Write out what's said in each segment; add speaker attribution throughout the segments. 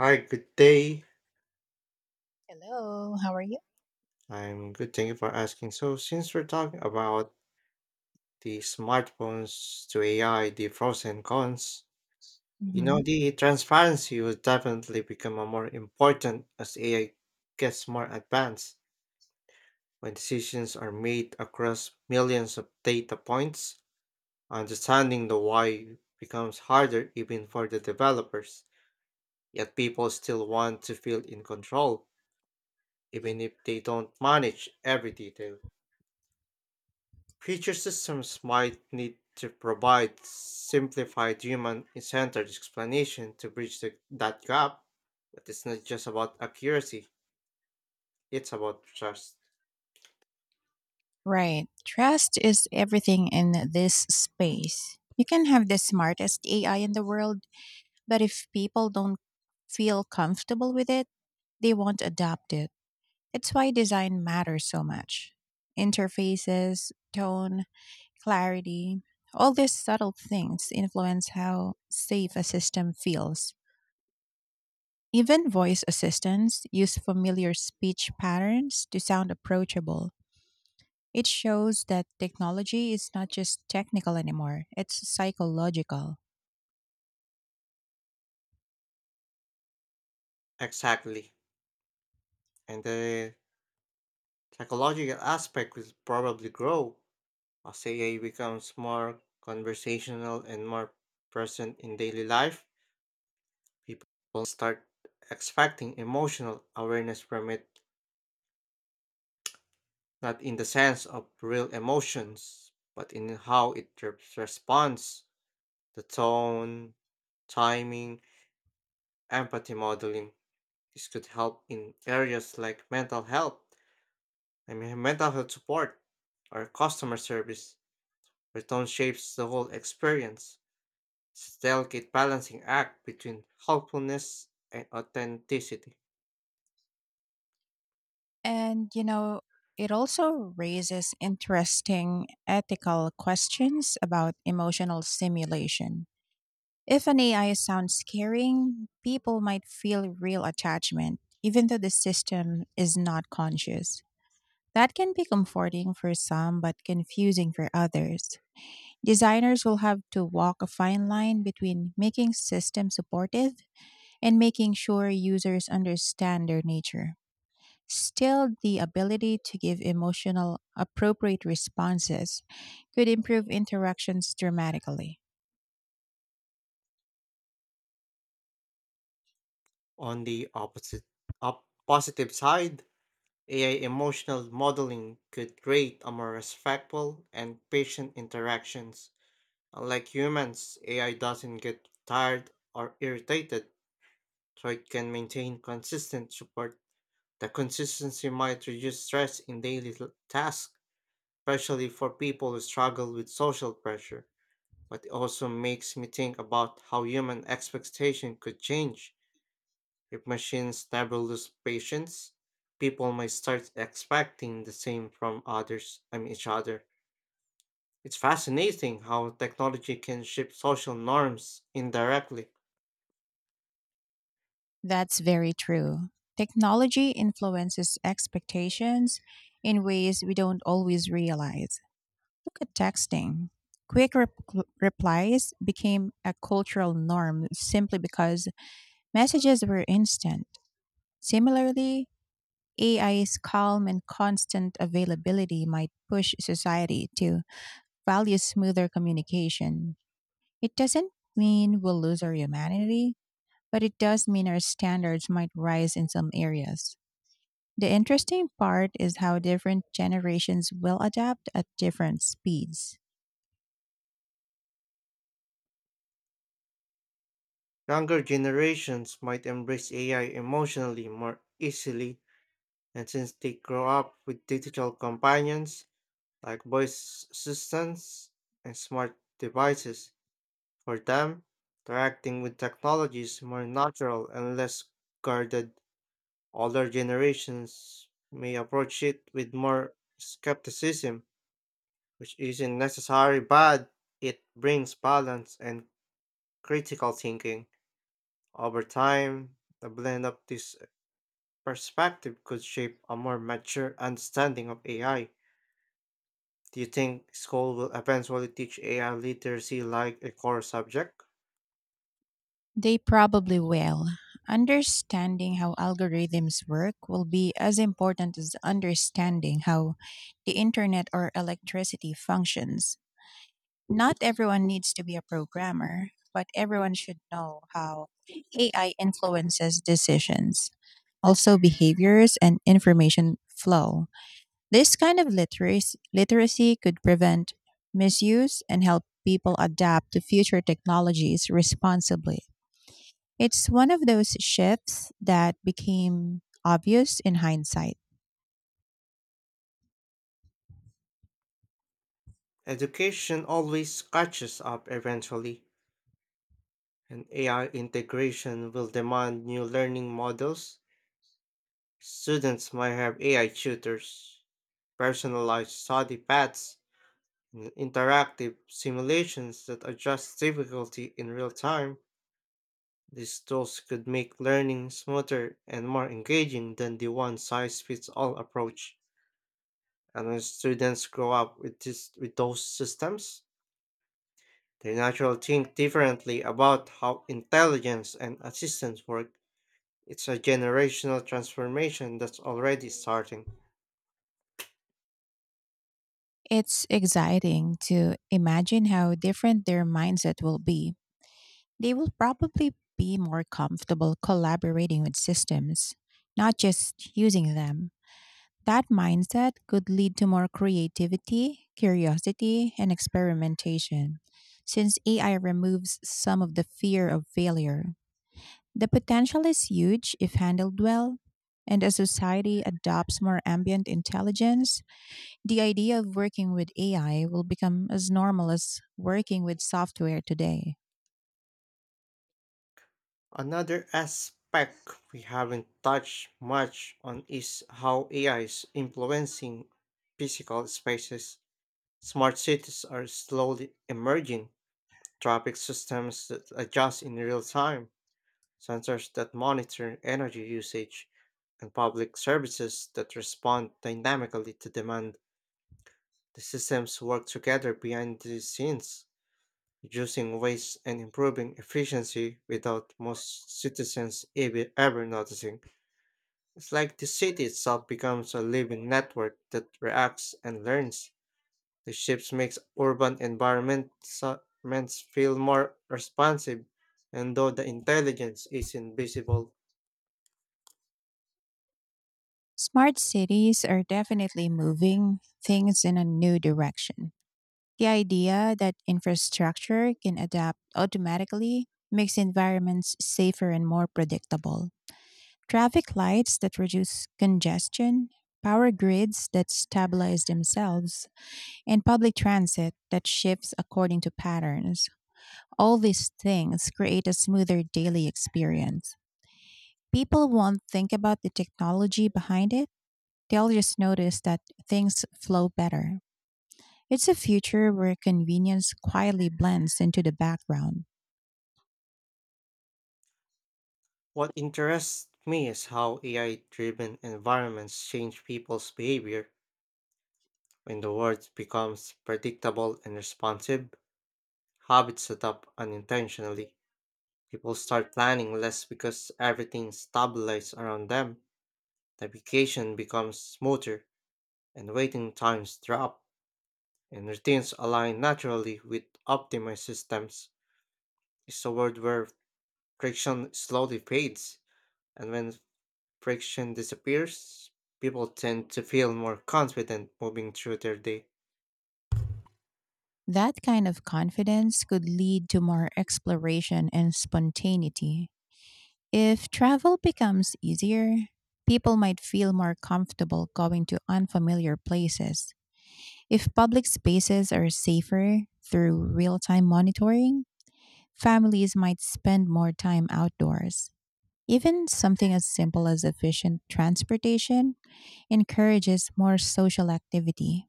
Speaker 1: Hi, good day.
Speaker 2: Hello, how are you?
Speaker 1: I'm good. Thank you for asking. So, since we're talking about the smartphones to AI, the pros and cons, you
Speaker 2: Mhm.
Speaker 1: know, the transparency will definitely become a more important as AI gets more advanced when decisions are made across millions of data points. Understanding the why becomes harder even for the developers, yet people still want to feel in control, even if they don't manage every detail. Future systems might need to provide simplified human centered explanation to bridge that gap, but it's not just about accuracy, it's about trust.
Speaker 2: Right. Trust is everything in this space. You can have the smartest AI in the world, but if people don't feel comfortable with it, they won't adopt it. It's why design matters so much. Interfaces, tone, clarity, all these subtle things influence how safe a system feels. Even voice assistants use familiar speech patterns to sound approachable. It shows that technology is not just technical anymore, it's psychological.
Speaker 1: Exactly. And the psychological aspect will probably grow as AI becomes more conversational and more present in daily life. People will start expecting emotional awareness from it, not in the sense of real emotions, but in how it responds, the tone, timing, empathy modeling. This could help in areas like mental health support, or customer service, where tone shapes the whole experience. It's a delicate balancing act between helpfulness and authenticity.
Speaker 2: And, you know, it also raises interesting ethical questions about emotional simulation. If an AI sounds scaring, people might feel real attachment, even though the system is not conscious. That can be comforting for some, but confusing for others. Designers will have to walk a fine line between making systems supportive and making sure users understand their nature. Still, the ability to give emotional, appropriate responses could improve interactions dramatically.
Speaker 1: On the positive side, AI emotional modeling could create a more respectful and patient interactions. Unlike humans, AI doesn't get tired or irritated, so it can maintain consistent support. The consistency might reduce stress in daily tasks, especially for people who struggle with social pressure. But it also makes me think about how human expectation could change. If machines never lose patience, people might start expecting the same from others, I mean each other. It's fascinating how technology can shape social norms indirectly.
Speaker 2: That's very true. Technology influences expectations in ways we don't always realize. Look at texting. Quick rep- Replies became a cultural norm simply because messages were instant. Similarly, AI's calm and constant availability might push society to value smoother communication. It doesn't mean we'll lose our humanity, but it does mean our standards might rise in some areas. The interesting part is how different generations will adapt at different speeds.
Speaker 1: Younger generations might embrace AI emotionally more easily, and since they grow up with digital companions like voice assistants and smart devices, for them, interacting with technology is more natural and less guarded. Older generations may approach it with more skepticism, which isn't necessarily bad. It brings balance and critical thinking. Over time, the blend of this perspective could shape a more mature understanding of AI. Do you think school will eventually teach AI literacy like a core subject?
Speaker 2: They probably will. Understanding how algorithms work will be as important as understanding how the internet or electricity functions. Not everyone needs to be a programmer, but everyone should know how AI influences decisions, also behaviors and information flow. This kind of literacy could prevent misuse and help people adapt to future technologies responsibly. It's one of those shifts that became obvious in hindsight.
Speaker 1: Education always catches up eventually, and AI integration will demand new learning models. Students might have AI tutors, personalized study paths, and interactive simulations that adjust difficulty in real time. These tools could make learning smoother and more engaging than the one size fits all approach. And when students grow up with those systems, they naturally think differently about how intelligence and assistance work. It's a generational transformation that's already starting.
Speaker 2: It's exciting to imagine how different their mindset will be. They will probably be more comfortable collaborating with systems, not just using them. That mindset could lead to more creativity, curiosity, and experimentation. Since AI removes some of the fear of failure, the potential is huge if handled well. And as society adopts more ambient intelligence, the idea of working with AI will become as normal as working with software today.
Speaker 1: Another aspect we haven't touched much on is how AI is influencing physical spaces. Smart cities are slowly emerging, traffic systems that adjust in real time, sensors that monitor energy usage, and public services that respond dynamically to demand. The systems work together behind the scenes, reducing waste and improving efficiency without most citizens ever noticing. It's like the city itself becomes a living network that reacts and learns. The ships makes urban environments feel more responsive, and though the intelligence is invisible,
Speaker 2: Smart cities are definitely moving things in a new direction. The idea that infrastructure can adapt automatically makes environments safer and more predictable. Traffic lights that reduce congestion, power grids that stabilize themselves, and public transit that shifts according to patterns. All these things create a smoother daily experience. People won't think about the technology behind it. They'll just notice that things flow better. It's a future where convenience quietly blends into the background.
Speaker 1: what interests me is how AI-driven environments change people's behavior. When the world becomes predictable and responsive, habits set up unintentionally. People start planning less because everything stabilizes around them. Navigation becomes smoother, and waiting times drop, and routines align naturally with optimized systems. It's a world where friction slowly fades, and when friction disappears, people tend to feel more confident moving through their day.
Speaker 2: That kind of confidence could lead to more exploration and spontaneity. If travel becomes easier, people might feel more comfortable going to unfamiliar places. If public spaces are safer through real time monitoring, families might spend more time outdoors. Even something as simple as efficient transportation encourages more social activity.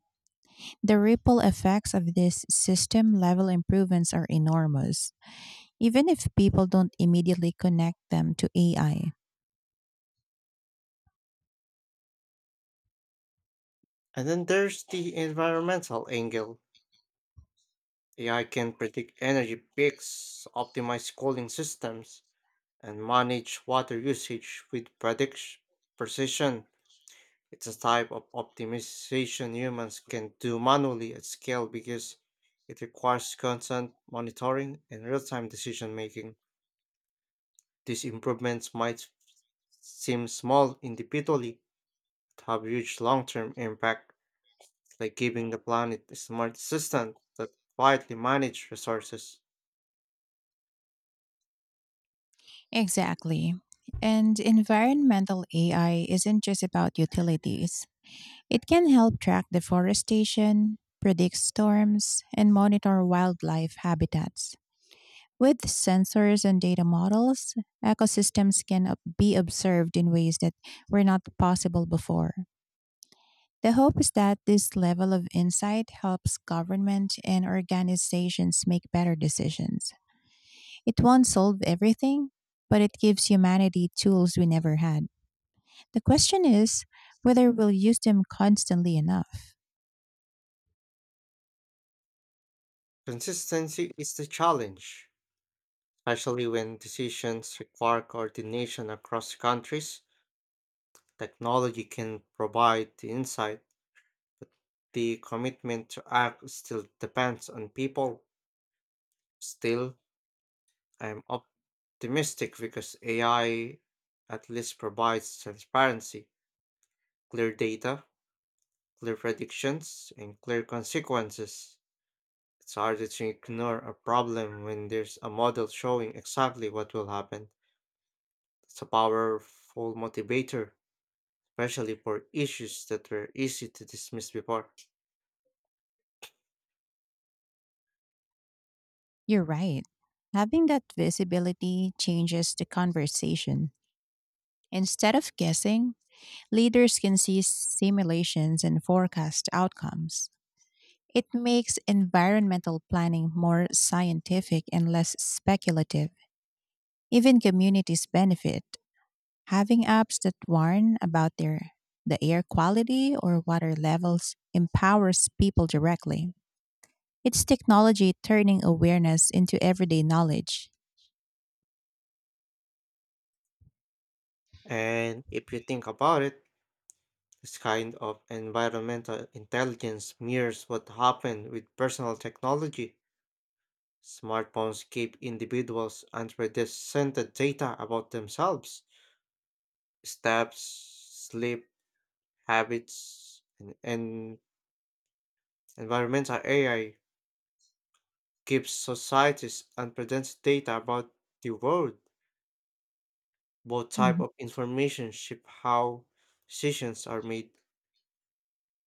Speaker 2: The ripple effects of these system level improvements are enormous even if people don't immediately connect them to AI.
Speaker 1: And then there's the environmental angle. AI can predict energy peaks, optimize cooling systems, and manage water usage with precision. It's a type of optimization humans can do manually at scale because it requires constant monitoring and real time decision making. These improvements might seem small individually, but have huge long term impact, like giving the planet a smart assistant that quietly manages resources.
Speaker 2: Exactly. And environmental AI isn't just about utilities. It can help track deforestation, predict storms, and monitor wildlife habitats. With sensors and data models, ecosystems can be observed in ways that were not possible before. The hope is that this level of insight helps government and organizations make better decisions. It won't solve everything, but it gives humanity tools we never had. The question is whether we'll use them constantly enough.
Speaker 1: Consistency is the challenge, especially when decisions require coordination across countries. Technology can provide the insight, but the commitment to act still depends on people. Still, I am optimistic because AI at least provides transparency, clear data, clear predictions, and clear consequences. It's harder to ignore a problem when there's a model showing exactly what will happen. It's a powerful motivator, especially for issues that were easy to dismiss before.
Speaker 2: You're right. Having that visibility changes the conversation. Instead of guessing, leaders can see simulations and forecast outcomes. It makes environmental planning more scientific and less speculative. Even communities benefit. Having apps that warn about the air quality or water levels empowers people directly. It's technology turning awareness into everyday knowledge.
Speaker 1: And if you think about it, this kind of environmental intelligence mirrors what happened with personal technology. Smartphones give individuals unprecedented data about themselves, steps, sleep, habits, and environmental AI gives societies unprecedented data about the world. Both type
Speaker 2: Mhm.
Speaker 1: of information shape how decisions are made.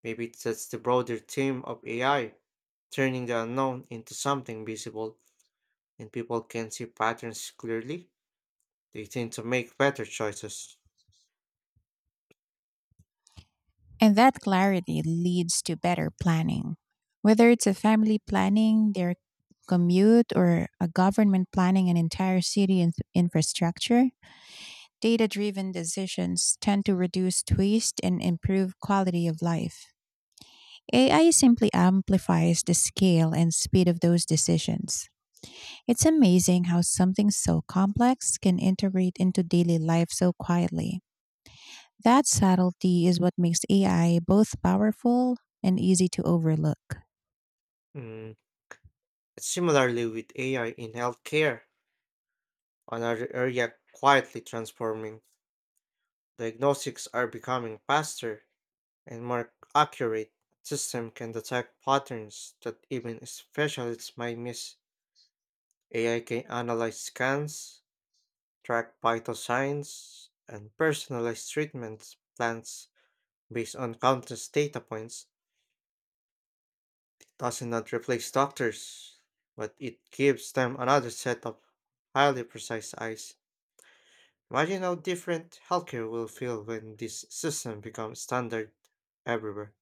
Speaker 1: Maybe that's the broader theme of AI, turning the unknown into something visible, and people can see patterns clearly, they tend to make better choices.
Speaker 2: And that clarity leads to better planning. Whether it's a family planning their commute, or a government planning an entire city infrastructure, data driven decisions tend to reduce waste and improve quality of life. AI simply amplifies the scale and speed of those decisions. It's amazing how something so complex can integrate into daily life so quietly. That subtlety is what makes AI both powerful and easy to overlook.
Speaker 1: Mm. Similarly, with AI in healthcare, another area quietly transforming, diagnostics are becoming faster and more accurate. System can detect patterns that even specialists might miss. AI can analyze scans, track vital signs, and personalize treatment plans based on countless data points. Does not replace doctors, but it gives them another set of highly precise eyes. Imagine how different healthcare will feel when this system becomes standard everywhere.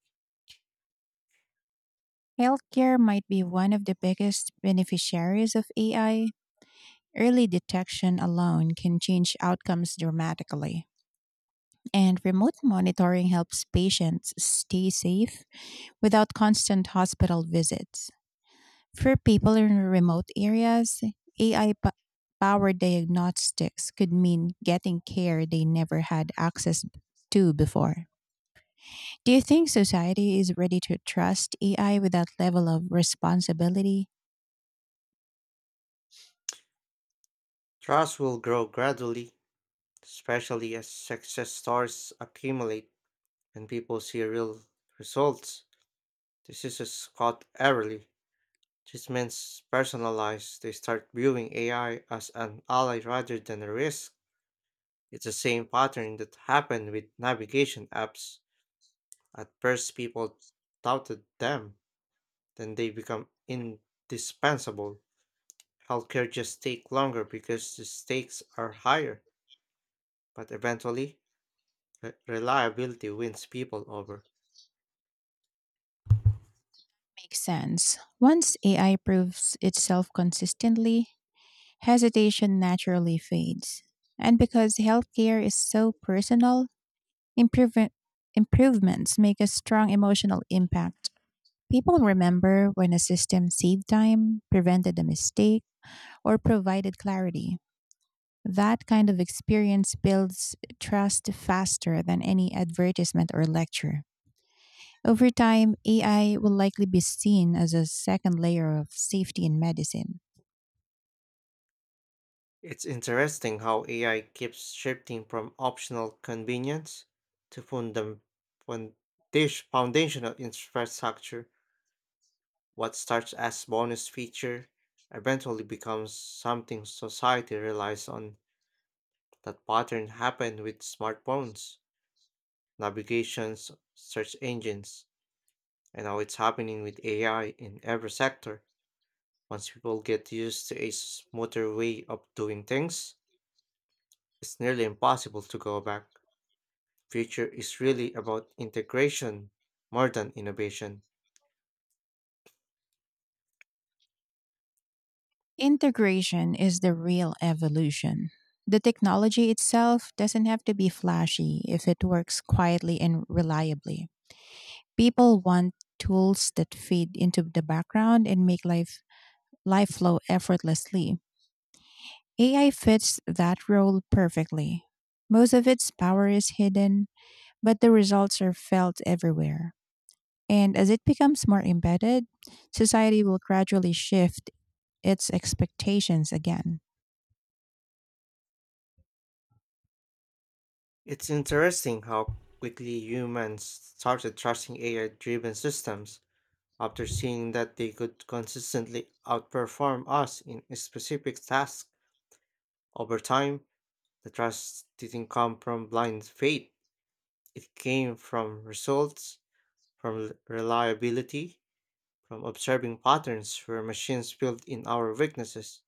Speaker 2: Healthcare might be one of the biggest beneficiaries of AI. Early detection alone can change outcomes dramatically. And remote monitoring helps patients stay safe without constant hospital visits. For people in remote areas, AI po- powered diagnostics could mean getting care they never had access to before. Do you think society is ready to trust AI with that level of responsibility?
Speaker 1: Trust will grow gradually, especially as success stories accumulate and people see real results. This is Scott Everly. Treatments personalized, they start viewing AI as an ally rather than a risk. It's the same pattern that happened with navigation apps. At first, people doubted them, then they become indispensable. Healthcare just take longer because the stakes are higher, but eventually, reliability wins people over.
Speaker 2: Makes sense. Once AI proves itself consistently, hesitation naturally fades. And because healthcare is so personal, Improvement, improvements make a strong emotional impact. People remember when a system saved time, prevented a mistake, or provided clarity. That kind of experience builds trust faster than any advertisement or lecture. Over time, AI will likely be seen as a second layer of safety in medicine.
Speaker 1: It's interesting how AI keeps shifting from optional convenience to fun- foundational infrastructure. What starts as bonus feature eventually becomes something society relies on. That pattern happened with smartphones, navigations, search engines, and now it's happening with AI in every sector. Once people get used to a smoother way of doing things, it's nearly impossible to go back. Future is really about integration more than innovation.
Speaker 2: Integration is the real evolution. The technology itself doesn't have to be flashy if it works quietly and reliably. People want tools that feed into the background and make life flow effortlessly. AI fits that role perfectly. Most of its power is hidden, but the results are felt everywhere. And as it becomes more embedded, society will gradually shift its expectations again.
Speaker 1: It's interesting how quickly humans started trusting AI driven systems. After seeing that they could consistently outperform us in a specific task over time, the trust didn't come from blind faith. It came from results, from reliability, from observing patterns where machines filled in our weaknesses.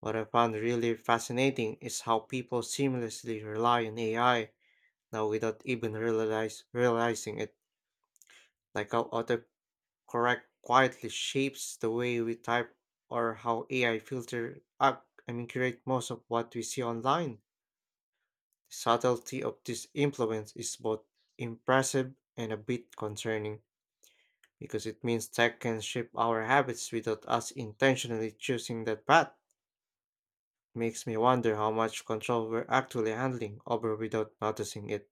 Speaker 1: What I found really fascinating is how people seamlessly rely on AI now without even realizing it, like how auto correct quietly shapes the way we type or how AI filter up I mean create most of what we see online. The subtlety of this influence is both impressive and a bit concerning because it means tech can shape our habits without us intentionally choosing that path. Makes me wonder how much control we're actually handling over without noticing it.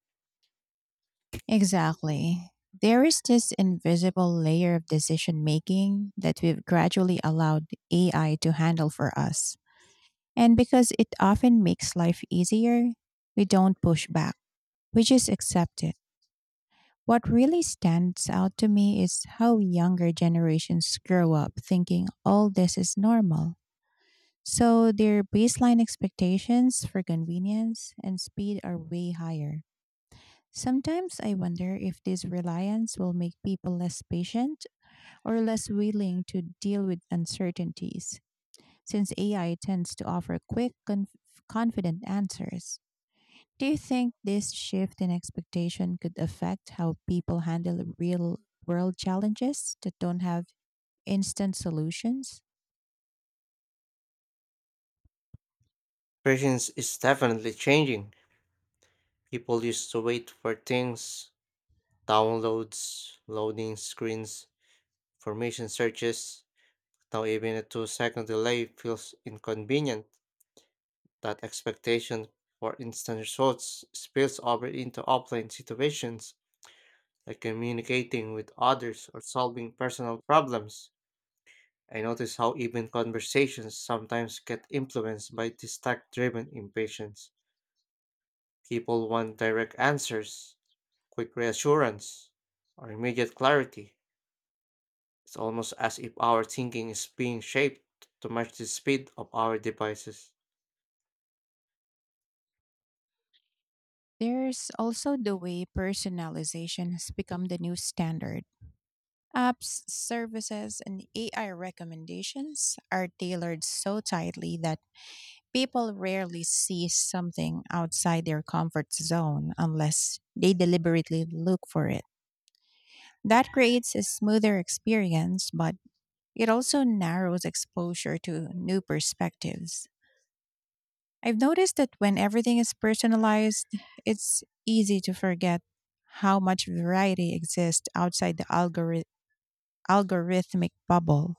Speaker 2: Exactly. There is this invisible layer of decision making that we've gradually allowed AI to handle for us. And because it often makes life easier, we don't push back, we just accept it. What really stands out to me is how younger generations grow up thinking all this is normal. So their baseline expectations for convenience and speed are way higher. Sometimes I wonder if this reliance will make people less patient or less willing to deal with uncertainties, since AI tends to offer quick, confident answers. Do you think this shift in expectation could affect how people handle real world challenges that don't have instant solutions?
Speaker 1: Patience is definitely changing. People used to wait for things, downloads, loading screens, formation searches, now even a 2 second delay feels inconvenient. That expectation for instant results spills over into offline situations, like communicating with others or solving personal problems. I notice how even conversations sometimes get influenced by this tech driven impatience. People want direct answers, quick reassurance, or immediate clarity. It's almost as if our thinking is being shaped to match the speed of our devices.
Speaker 2: There's also the way personalization has become the new standard. Apps, services, and AI recommendations are tailored so tightly that people rarely see something outside their comfort zone unless they deliberately look for it. That creates a smoother experience, but it also narrows exposure to new perspectives. I've noticed that when everything is personalized, it's easy to forget how much variety exists outside the algorithmic bubble.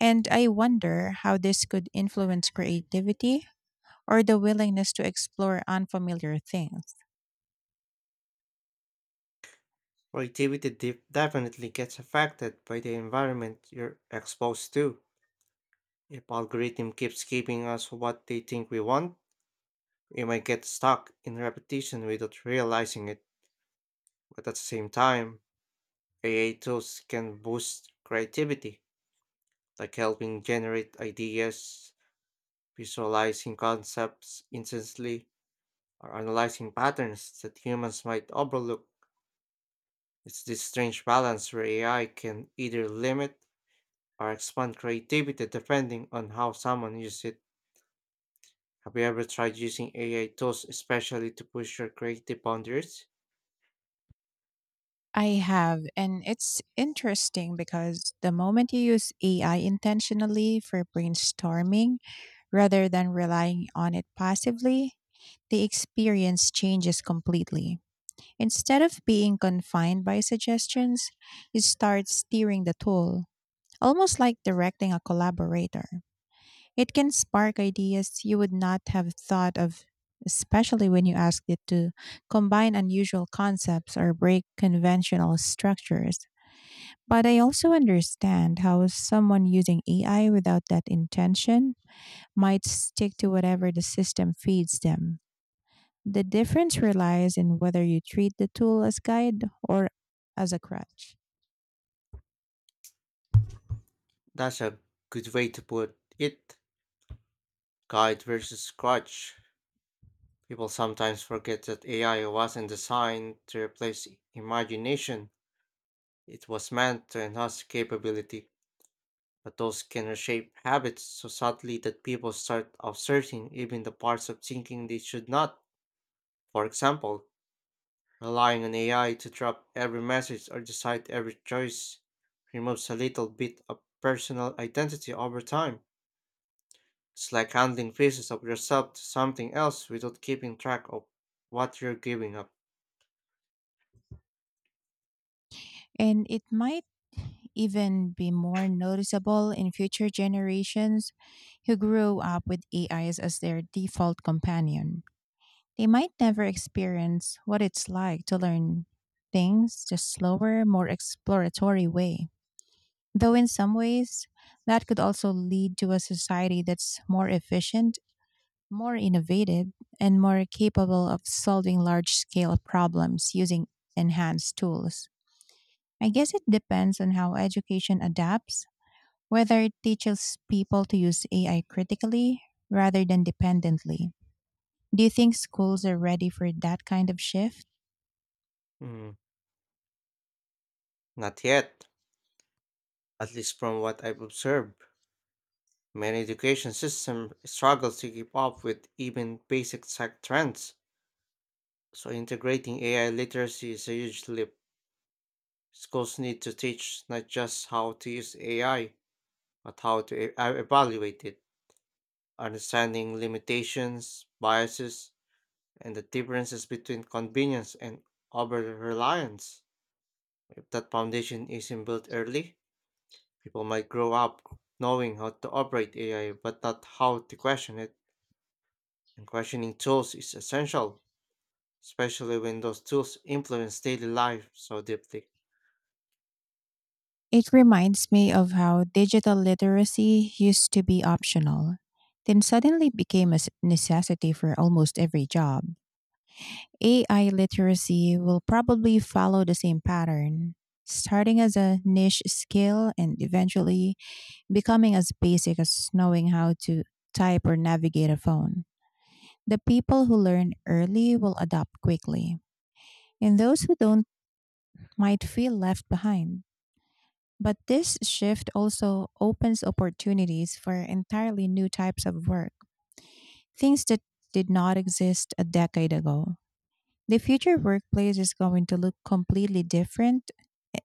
Speaker 2: And I wonder how this could influence creativity or the willingness to explore unfamiliar things.
Speaker 1: Creativity definitely gets affected by the environment you're exposed to. If algorithm keeps giving us what they think we want, we might get stuck in repetition without realizing it. But at the same time, AI tools can boost creativity, like helping generate ideas, visualizing concepts instantly, or analyzing patterns that humans might overlook. It's this strange balance where AI can either limit or expand creativity depending on how someone uses it. Have you ever tried using AI tools especially to push your creative boundaries?
Speaker 2: I have, and it's interesting because the moment you use AI intentionally for brainstorming rather than relying on it passively, the experience changes completely. Instead of being confined by suggestions, you start steering the tool, almost like directing a collaborator. It can spark ideas you would not have thought of, especially when you ask it to combine unusual concepts or break conventional structures. But I also understand how someone using AI without that intention might stick to whatever the system feeds them. The difference relies in whether you treat the tool as guide or as a crutch.
Speaker 1: That's a good way to put it. Guide versus scratch. People sometimes forget that AI wasn't designed to replace imagination. It was meant to enhance capability, but those can reshape habits so subtly that people start outsourcing even the parts of thinking they should not. For example, relying on AI to drop every message or decide every choice removes a little bit of personal identity over time. It's like handing pieces of yourself to something else without keeping track of what you're giving up.
Speaker 2: And it might even be more noticeable in future generations who grew up with AIs as their default companion. They might never experience what it's like to learn things the slower, more exploratory way. Though in some ways, that could also lead to a society that's more efficient, more innovative, and more capable of solving large scale problems using enhanced tools. I guess it depends on how education adapts, whether it teaches people to use AI critically rather than dependently. Do you think schools are ready for that kind of shift?
Speaker 1: Mm, not yet, at least from what I've observed. Many education systems struggle to keep up with even basic tech trends, so integrating AI literacy is a huge leap. Schools need to teach not just how to use AI, but how to e- I evaluate it, understanding limitations, biases, and the differences between convenience and over reliance. If that foundation isn't built early, people might grow up knowing how to operate AI but not how to question it. And questioning tools is essential, especially when those tools influence daily life so deeply.
Speaker 2: It reminds me of how digital literacy used to be optional, then suddenly became a necessity for almost every job. AI literacy will probably follow the same pattern, starting as a niche skill and eventually becoming as basic as knowing how to type or navigate a phone. The people who learn early will adapt quickly, and those who don't might feel left behind. But this shift also opens opportunities for entirely new types of work, things that did not exist a decade ago. The future workplace is going to look completely different,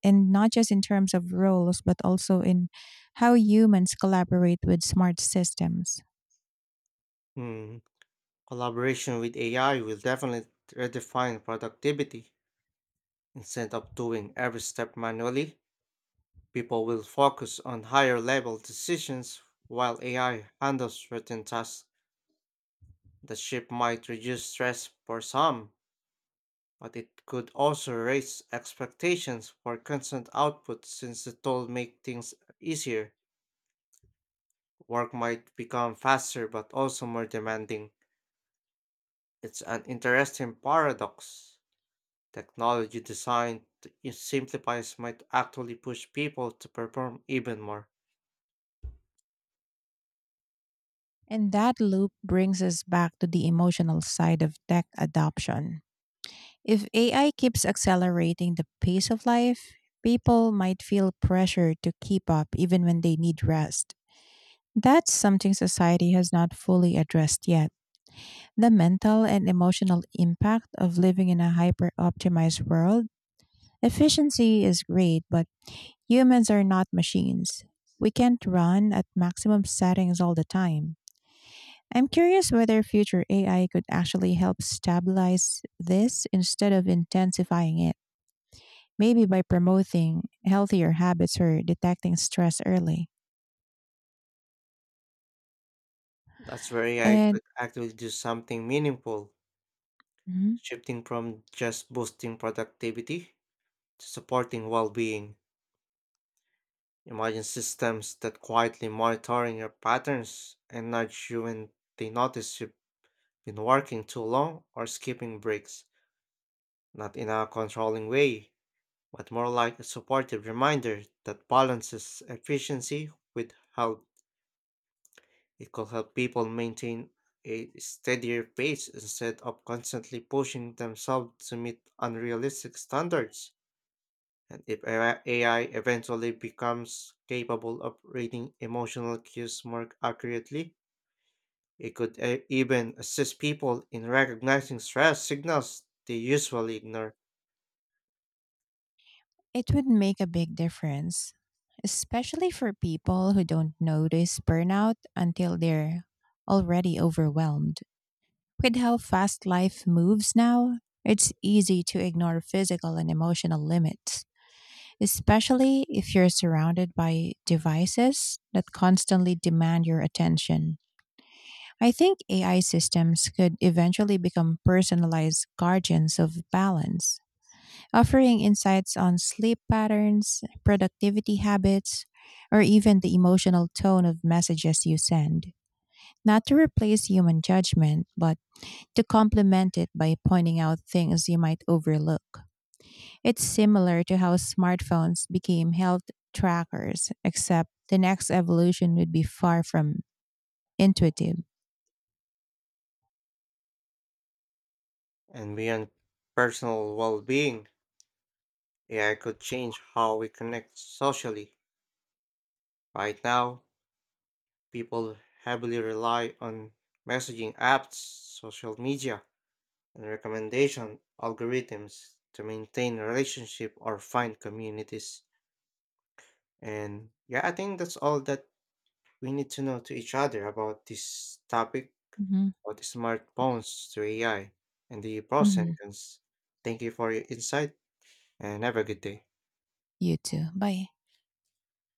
Speaker 2: and not just in terms of roles, but also in how humans collaborate with smart systems.
Speaker 1: Hmm. Collaboration with AI will definitely redefine productivity. Instead of doing every step manually, people will focus on higher level decisions while AI handles certain tasks. The shift might reduce stress for some, but it could also raise expectations for constant output since the tool makes things easier. Work might become faster but also more demanding. It's an interesting paradox. Technology designed to simplify might actually push people to perform even more.
Speaker 2: And that loop brings us back to the emotional side of tech adoption. If AI keeps accelerating the pace of life, people might feel pressure to keep up even when they need rest. That's something society has not fully addressed yet. The mental and emotional impact of living in a hyper optimized world. Efficiency is great, but humans are not machines. We can't run at maximum settings all the time. I'm curious whether future AI could actually help stabilize this instead of intensifying it, maybe by promoting healthier habits or detecting stress early.
Speaker 1: That's where AI
Speaker 2: And
Speaker 1: could actually do something meaningful,
Speaker 2: Mhm.
Speaker 1: shifting from just boosting productivity to supporting well-being. Imagine systems that quietly monitoring your patterns and nudge you when they notice you've been working too long or skipping breaks, not in a controlling way, but more like a supportive reminder that balances efficiency with health. It could help people maintain a steadier pace instead of constantly pushing themselves to meet unrealistic standards. And if AI eventually becomes capable of reading emotional cues more accurately, it could even assist people in recognizing stress signals they usually ignore.
Speaker 2: it would make a big difference, especially for people who don't notice burnout until they're already overwhelmed. With how fast life moves now, it's easy to ignore physical and emotional limits, especially if you're surrounded by devices that constantly demand your attention. I think AI systems could eventually become personalized guardians of balance, offering insights on sleep patterns, productivity habits, or even the emotional tone of messages you send. Not to replace human judgment, but to complement it by pointing out things you might overlook. It's similar to how smartphones became health trackers, except the next evolution would be far from intuitive.
Speaker 1: And beyond personal well being, AI could change how we connect socially. Right now, people heavily rely on messaging apps, social media, and recommendation algorithms to maintain relationships or find communities. And yeah, I think that's all that we need to know to each other about this topic,
Speaker 2: Hmm.
Speaker 1: about the smartphones to AI and the pros and
Speaker 2: Hmm.
Speaker 1: cons. Thank you for your insight and have a good day.
Speaker 2: You too. Bye.